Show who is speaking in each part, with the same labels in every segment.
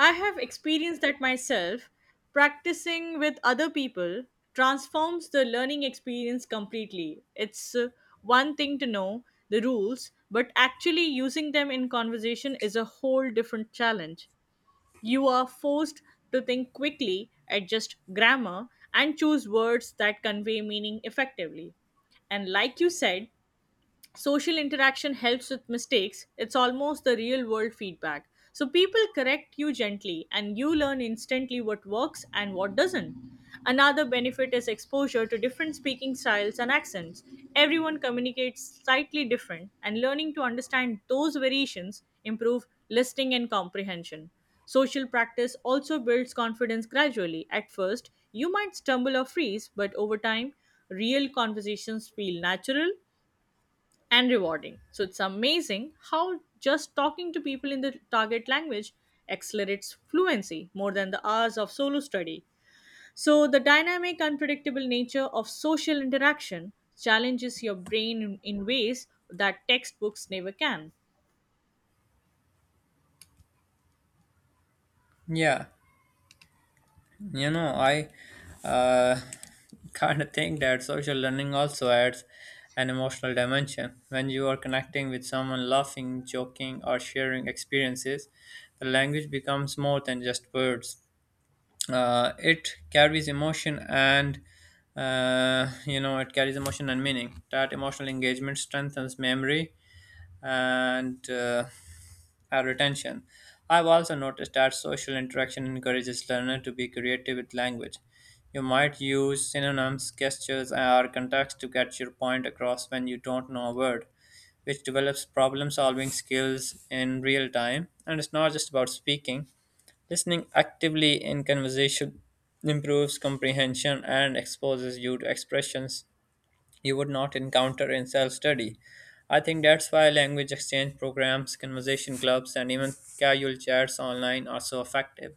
Speaker 1: I have experienced that myself. Practicing with other people transforms the learning experience completely. It's one thing to know the rules, but actually using them in conversation is a whole different challenge. You are forced to think quickly, adjust grammar, and choose words that convey meaning effectively. And like you said, social interaction helps with mistakes. It's almost the real world feedback, so people correct you gently and you learn instantly what works and what doesn't. Another benefit is exposure to different speaking styles and accents. Everyone communicates slightly different, and learning to understand those variations improve listening and comprehension. Social practice also builds confidence gradually. At first, you might stumble or freeze, but over time, real conversations feel natural and rewarding. So it's amazing how just talking to people in the target language accelerates fluency more than the hours of solo study. So the dynamic, unpredictable nature of social interaction challenges your brain in ways that textbooks never can.
Speaker 2: Yeah, I uh, kind of think that social learning also adds an emotional dimension. When you are connecting with someone, laughing, joking, or sharing experiences, the language becomes more than just words. It carries emotion and it carries emotion and meaning. That emotional engagement strengthens memory and retention. I've also noticed that social interaction encourages learners to be creative with language. You might use synonyms, gestures, or context to get your point across when you don't know a word, which develops problem solving skills in real time. And it's not just about speaking, listening actively in conversation improves comprehension and exposes you to expressions you would not encounter in self study. I think that's why language exchange programs, conversation clubs, and even casual chats online are so effective.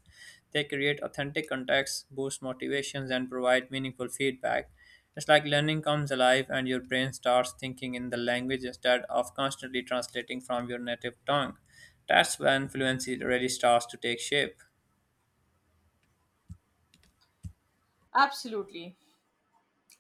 Speaker 2: They create authentic contacts, boost motivations, and provide meaningful feedback. It's like learning comes alive and your brain starts thinking in the language instead of constantly translating from your native tongue. That's when fluency really starts to take shape.
Speaker 1: Absolutely.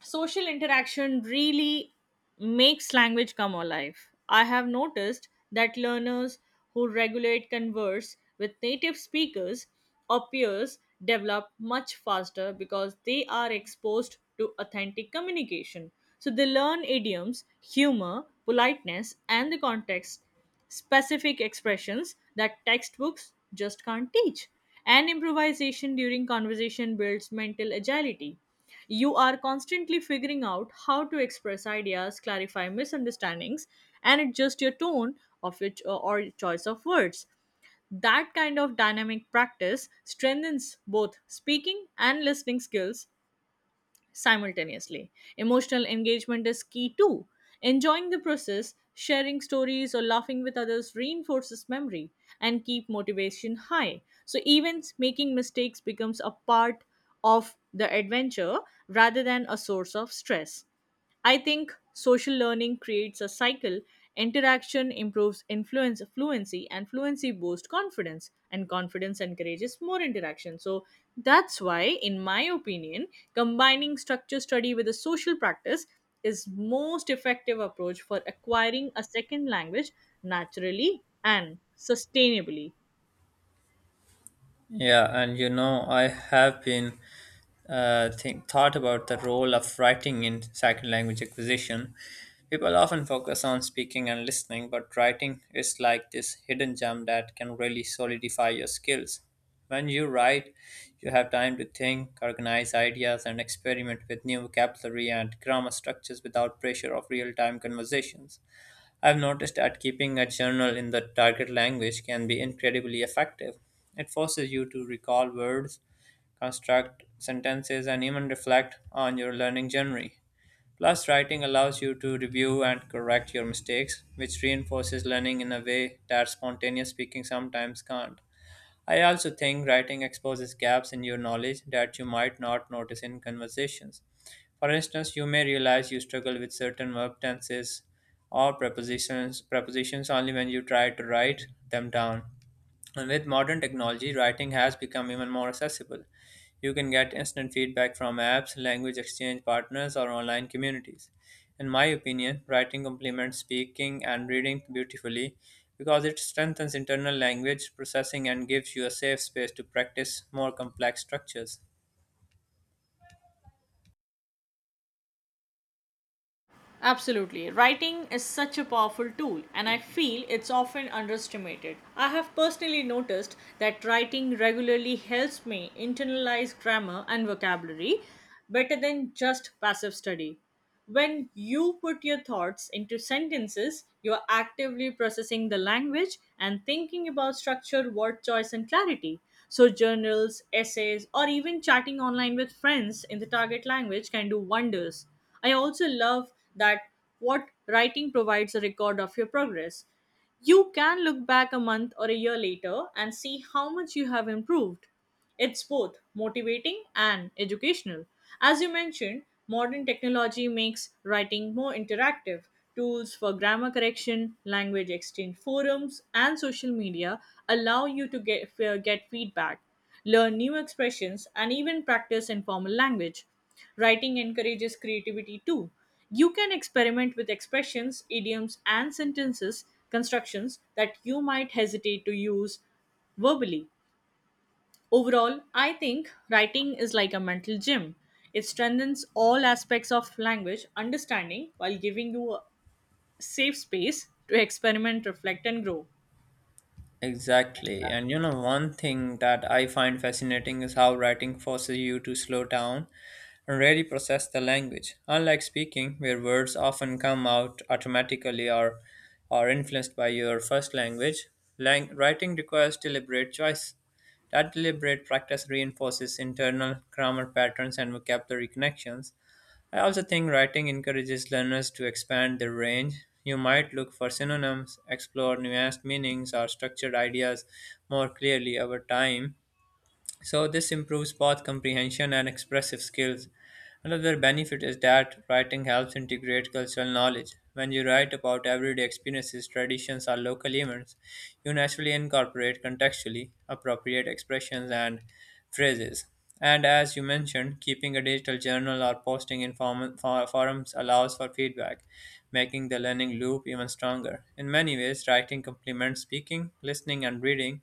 Speaker 1: Social interaction really makes language come alive. I have noticed that learners who regulate converse with native speakers or peers develop much faster because they are exposed to authentic communication. So they learn idioms, humor, politeness, and the context specific expressions that textbooks just can't teach. And improvisation during conversation builds mental agility. You are constantly figuring out how to express ideas, clarify misunderstandings, and adjust your tone of your cho- or choice of words. That kind of dynamic practice strengthens both speaking and listening skills simultaneously. Emotional engagement is key too. Enjoying the process, sharing stories, or laughing with others reinforces memory and keep motivation high. So even making mistakes becomes a part of the adventure rather than a source of stress. I think social learning creates a cycle. Interaction improves influence fluency, and fluency boosts confidence, and confidence encourages more interaction. So that's why, in my opinion, combining structure study with a social practice is most effective approach for acquiring a second language naturally and sustainably.
Speaker 2: Yeah, and I have been thought about the role of writing in second language acquisition. People often focus on speaking and listening, but writing is like this hidden gem that can really solidify your skills. When you write, you have time to think, organize ideas, and experiment with new vocabulary and grammar structures without pressure of real time conversations. I've noticed that keeping a journal in the target language can be incredibly effective. It forces you to recall words, construct sentences, and even reflect on your learning journey. Plus, writing allows you to review and correct your mistakes, which reinforces learning in a way that spontaneous speaking sometimes can't. I also think writing exposes gaps in your knowledge that you might not notice in conversations. For instance, you may realize you struggle with certain verb tenses or prepositions only when you try to write them down. And with modern technology, writing has become even more accessible. You can get instant feedback from apps, language exchange partners, or online communities. In my opinion, writing complements speaking and reading beautifully because it strengthens internal language processing and gives you a safe space to practice more complex structures.
Speaker 1: Absolutely. Writing is such a powerful tool, and I feel it's often underestimated. I have personally noticed that writing regularly helps me internalize grammar and vocabulary better than just passive study. When you put your thoughts into sentences, you are actively processing the language and thinking about structure, word choice, and clarity. So, journals, essays, or even chatting online with friends in the target language can do wonders. I also love that what writing provides a record of your progress. You can look back a month or a year later and see how much you have improved. It's both motivating and educational. As you mentioned, modern technology makes writing more interactive. Tools for grammar correction, language exchange forums, and social media allow you to get feedback, learn new expressions, and even practice informal language. Writing encourages creativity too. You can experiment with expressions, idioms, and sentences constructions that you might hesitate to use verbally. Overall, I think writing is like a mental gym. It strengthens all aspects of language understanding while giving you a safe space to experiment, reflect, and grow.
Speaker 2: Exactly. One thing that I find fascinating is how writing forces you to slow down and really process the language. Unlike speaking, where words often come out automatically or are influenced by your first language, writing requires deliberate choice. That deliberate practice reinforces internal grammar patterns and vocabulary connections. I also think writing encourages learners to expand their range. You might look for synonyms, explore nuanced meanings, or structured ideas more clearly over time. So this improves both comprehension and expressive skills. Another benefit is that writing helps integrate cultural knowledge. When you write about everyday experiences, traditions, or local events, you naturally incorporate contextually appropriate expressions and phrases. And as you mentioned, keeping a digital journal or posting in forums allows for feedback, making the learning loop even stronger. In many ways, writing complements speaking, listening, and reading.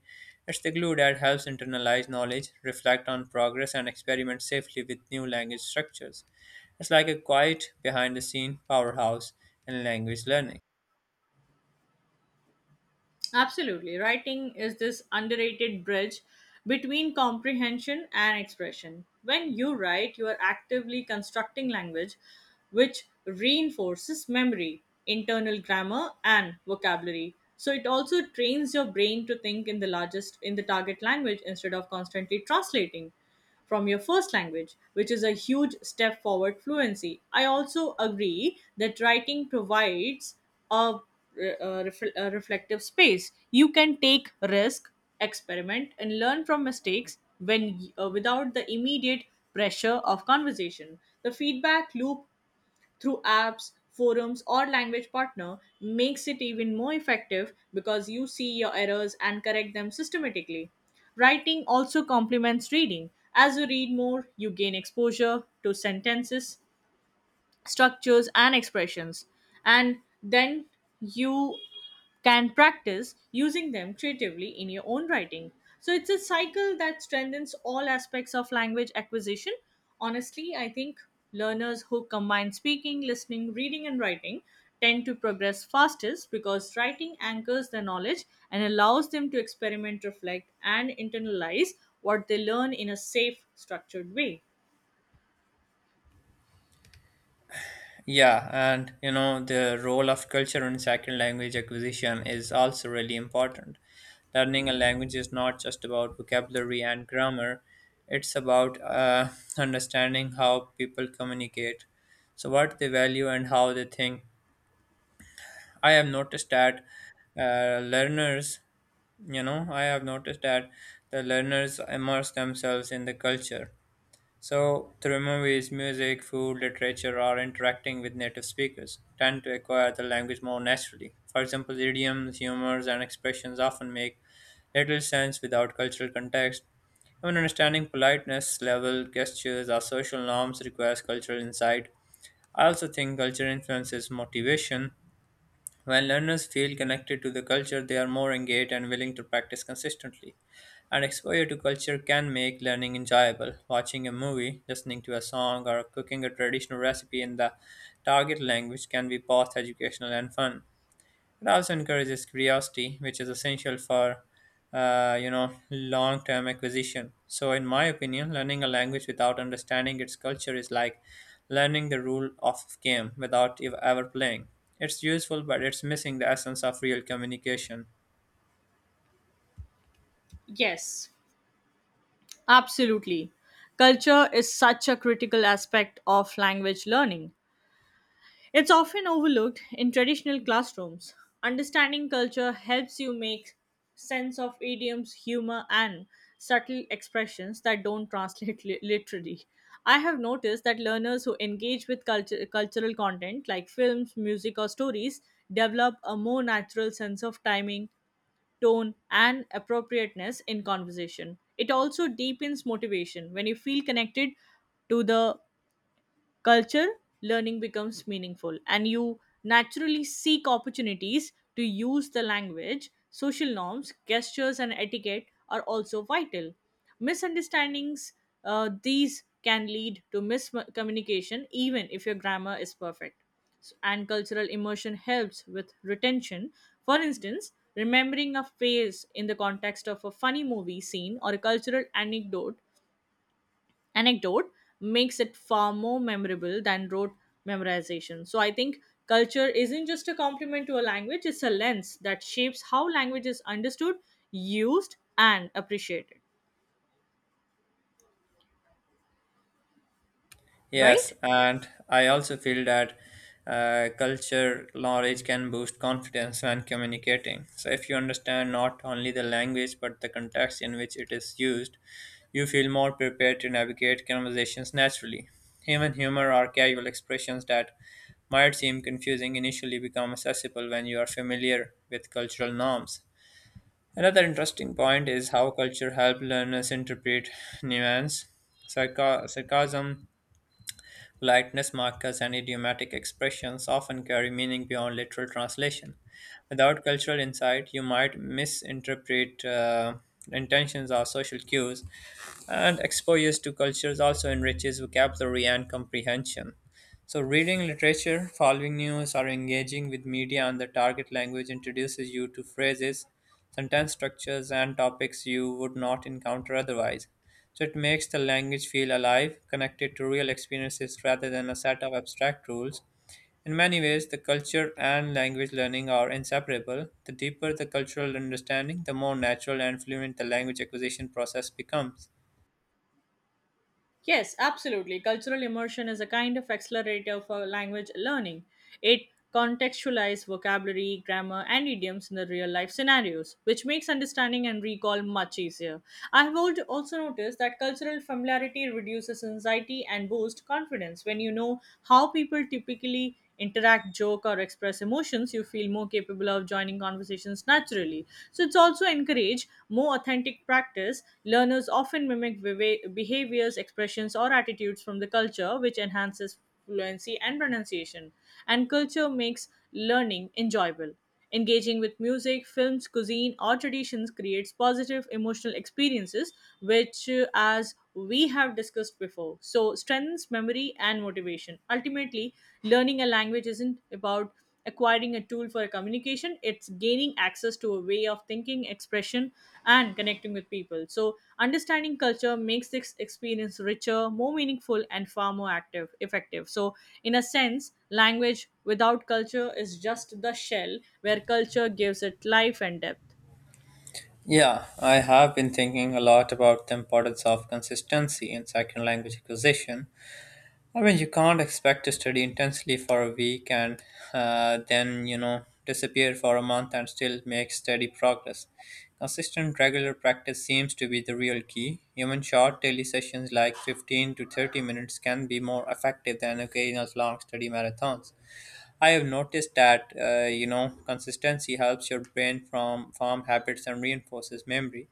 Speaker 2: It's the glue that helps internalize knowledge, reflect on progress, and experiment safely with new language structures. It's like a quiet, behind the scene powerhouse in language learning.
Speaker 1: Absolutely. Writing is this underrated bridge between comprehension and expression. When you write, you are actively constructing language, which reinforces memory, internal grammar, and vocabulary. So it also trains your brain to think in the largest in the target language instead of constantly translating from your first language, which is a huge step forward fluency. I also agree that writing provides a, a reflective space. You can take risk, experiment, and learn from mistakes when without the immediate pressure of conversation. The feedback loop through apps, forums, or language partner makes it even more effective because you see your errors and correct them systematically. Writing also complements reading. As you read more, you gain exposure to sentences structures and expressions, and then you can practice using them creatively in your own writing. So it's a cycle that strengthens all aspects of language acquisition. Honestly, I think learners who combine speaking, listening, reading, and writing tend to progress fastest because writing anchors their knowledge and allows them to experiment, reflect, and internalize what they learn in a safe, structured way.
Speaker 2: Yeah, and the role of culture in second language acquisition is also really important. Learning a language is not just about vocabulary and grammar, it's about understanding how people communicate, so what they value and how they think. I have noticed that uh, learners, I have noticed that the learners immerse themselves in the culture. So, through movies, music, food, literature, or interacting with native speakers, tend to acquire the language more naturally. For example, idioms, humors, and expressions often make little sense without cultural context. Even understanding politeness, level, gestures, or social norms requires cultural insight. I also think culture influences motivation when learners feel connected to the culture, they are more engaged and willing to practice consistently. And exposure to culture can make learning enjoyable. Watching a movie, listening to a song, or cooking a traditional recipe in the target language can be both educational and fun. It also encourages curiosity, which is essential for long-term acquisition. So, in my opinion, learning a language without understanding its culture is like learning the rule of game without ever playing. It's useful, but it's missing the essence of real communication.
Speaker 1: Yes. Absolutely. Culture is such a critical aspect of language learning. It's often overlooked in traditional classrooms. Understanding culture helps you make sense of idioms, humor, and subtle expressions that don't translate literally. I have noticed that learners who engage with culture, cultural content like films, music, or stories develop a more natural sense of timing, tone, and appropriateness in conversation. It also deepens motivation. When you feel connected to the culture, learning becomes meaningful, and you naturally seek opportunities to use the language. Social norms, gestures, and etiquette are also vital. Misunderstandings, these can lead to miscommunication, even if your grammar is perfect. And cultural immersion helps with retention. For instance, remembering a face in the context of a funny movie scene or a cultural anecdote makes it far more memorable than rote memorization. So I think culture isn't just a complement to a language, it's a lens that shapes how language is understood, used, and appreciated.
Speaker 2: Yes,
Speaker 1: Right?
Speaker 2: and I also feel that culture knowledge can boost confidence when communicating. So, if you understand not only the language but the context in which it is used, you feel more prepared to navigate conversations naturally. Human humor or casual expressions that might seem confusing initially become accessible when you are familiar with cultural norms. Another interesting point is how culture helps learners interpret nuance. Sarcasm, politeness markers, and idiomatic expressions often carry meaning beyond literal translation. Without cultural insight, you might misinterpret intentions or social cues, and exposure to cultures also enriches vocabulary and comprehension. So, reading literature, following news, or engaging with media on the target language introduces you to phrases, sentence structures, and topics you would not encounter otherwise. So it makes the language feel alive, connected to real experiences rather than a set of abstract rules. In many ways, the culture and language learning are inseparable. The deeper the cultural understanding, the more natural and fluent the language acquisition process becomes.
Speaker 1: Yes, absolutely. Cultural immersion is a kind of accelerator for language learning. It contextualizes vocabulary, grammar, and idioms in the real life scenarios, which makes understanding and recall much easier. I have also noticed that cultural familiarity reduces anxiety and boosts confidence. When you know how people typically interact, joke, or express emotions, you feel more capable of joining conversations naturally. So it's also encourage more authentic practice. Learners often mimic behaviors, expressions, or attitudes from the culture, which enhances fluency and pronunciation. And culture makes learning enjoyable. Engaging with music, films, cuisine, or traditions creates positive emotional experiences, which, as we have discussed before, so strengthens memory and motivation. Ultimately, learning a language isn't about acquiring a tool for communication, it's gaining access to a way of thinking, expression, and connecting with people. So, understanding culture makes this experience richer, more meaningful, and far more active, effective. So, in a sense, language without culture is just the shell where culture gives it life and depth.
Speaker 2: Yeah, I have been thinking a lot about the importance of consistency in second language acquisition. I mean, you can't expect to study intensely for a week and then, you know, disappear for a month and still make steady progress. Consistent regular practice seems to be the real key. Even short daily sessions like 15 to 30 minutes can be more effective than occasional long study marathons. I have noticed that consistency helps your brain from form habits and reinforces memory.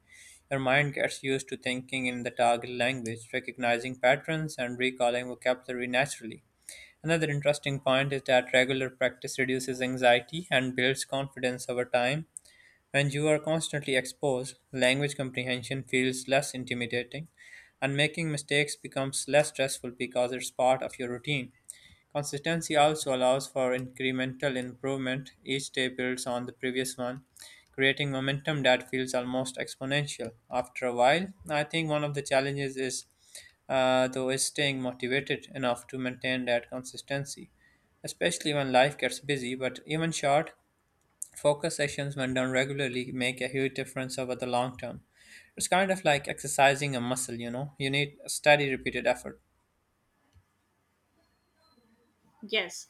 Speaker 2: Your mind gets used to thinking in the target language, recognizing patterns, and recalling vocabulary naturally. Another interesting point is that regular practice reduces anxiety and builds confidence over time. When you are constantly exposed, language comprehension feels less intimidating, and making mistakes becomes less stressful because it's part of your routine. Consistency also allows for incremental improvement. Each day builds on the previous one, creating momentum that feels almost exponential. After a while, I think one of the challenges is, though, is staying motivated enough to maintain that consistency, especially when life gets busy. But even short, focus sessions, when done regularly, make a huge difference over the long term. It's kind of like exercising a muscle, you know, you need a steady, repeated effort.
Speaker 1: Yes,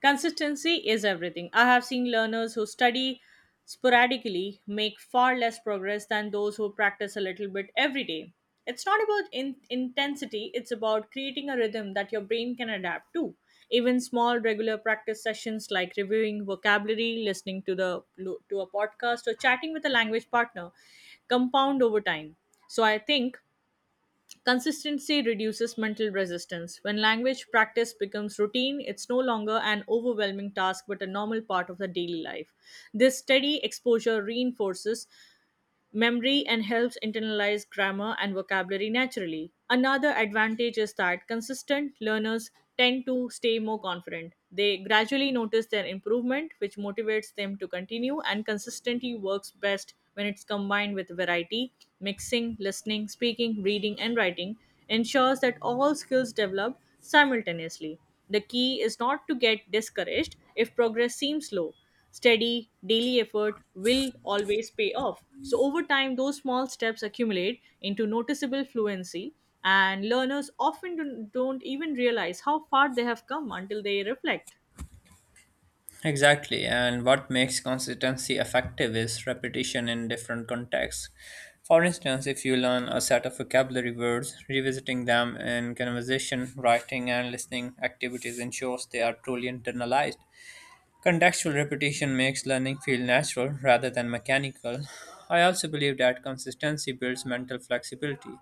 Speaker 1: consistency is everything. I have seen learners who study sporadically make far less progress than those who practice a little bit every day. It's not about intensity, it's about creating a rhythm that your brain can adapt to. Even small regular practice sessions like reviewing vocabulary, listening to a podcast or chatting with a language partner compound over time. So I think consistency reduces mental resistance. When language practice becomes routine, it's no longer an overwhelming task but a normal part of the daily life. This steady exposure reinforces memory and helps internalize grammar and vocabulary naturally. Another advantage is that consistent learners tend to stay more confident. They gradually notice their improvement, which motivates them to continue, and consistency works best when it's combined with variety. Mixing, listening, speaking, reading, and writing ensures that all skills develop simultaneously. The key is not to get discouraged if progress seems slow. Steady, daily effort will always pay off. So, over time, those small steps accumulate into noticeable fluency, and learners often don't even realize how far they have come until they reflect.
Speaker 2: Exactly, and what makes consistency effective is repetition in different contexts. For instance, if you learn a set of vocabulary words, revisiting them in conversation, writing, and listening activities ensures they are truly internalized. Contextual repetition makes learning feel natural rather than mechanical. I also believe that consistency builds mental flexibility.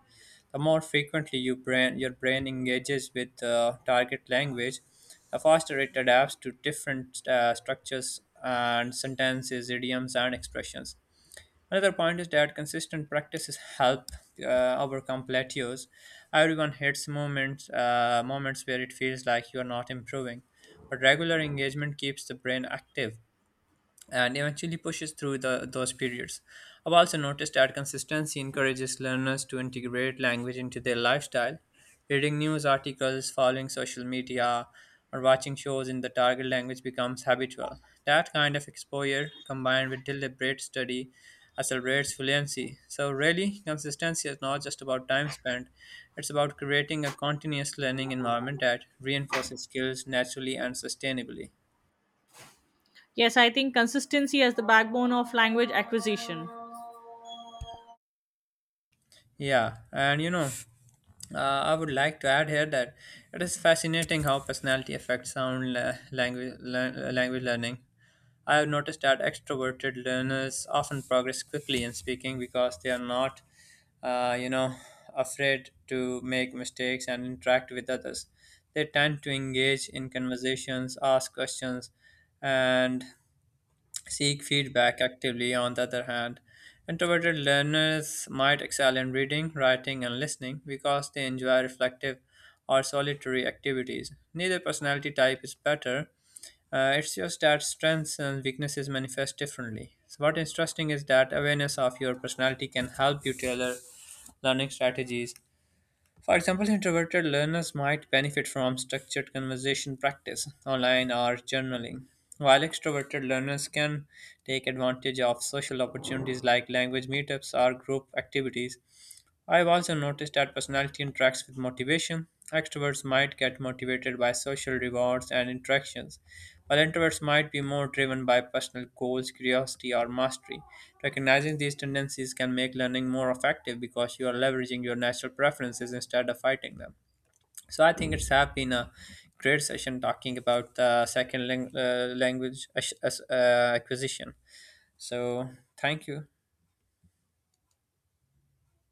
Speaker 2: The more frequently your brain engages with the target language, the faster it adapts to different structures and sentences, idioms, and expressions. Another point is that consistent practices help overcome plateaus. Everyone hits moments where it feels like you are not improving, but regular engagement keeps the brain active and eventually pushes through those periods. I've also noticed that consistency encourages learners to integrate language into their lifestyle. Reading news articles, following social media, or watching shows in the target language becomes habitual. That kind of exposure, combined with deliberate study, accelerates fluency. So, really, consistency is not just about time spent, it's about creating a continuous learning environment that reinforces skills naturally and sustainably.
Speaker 1: Yes, I think consistency as the backbone of language acquisition.
Speaker 2: Yeah, and you know, I would like to add here that it is fascinating how personality affects sound la- language lear- language learning. I have noticed that extroverted learners often progress quickly in speaking because they are not, uh, you know, afraid to make mistakes and interact with others. They tend to engage in conversations, ask questions, and seek feedback actively, on the other hand. Introverted learners might excel in reading, writing, and listening because they enjoy reflective or solitary activities. Neither personality type is better. It's just that strengths and weaknesses manifest differently. So, what interesting is that awareness of your personality can help you tailor learning strategies for example, introverted learners might benefit from structured conversation practice, online or journaling, while extroverted learners can take advantage of social opportunities like language meetups or group activities. I've also noticed that personality interacts with motivation. Extroverts might get motivated by social rewards and interactions, while introverts might be more driven by personal goals, curiosity, or mastery, recognizing these tendencies can make learning more effective because you are leveraging your natural preferences instead of fighting them. So I think it's have been a great session talking about the second language acquisition. So thank you.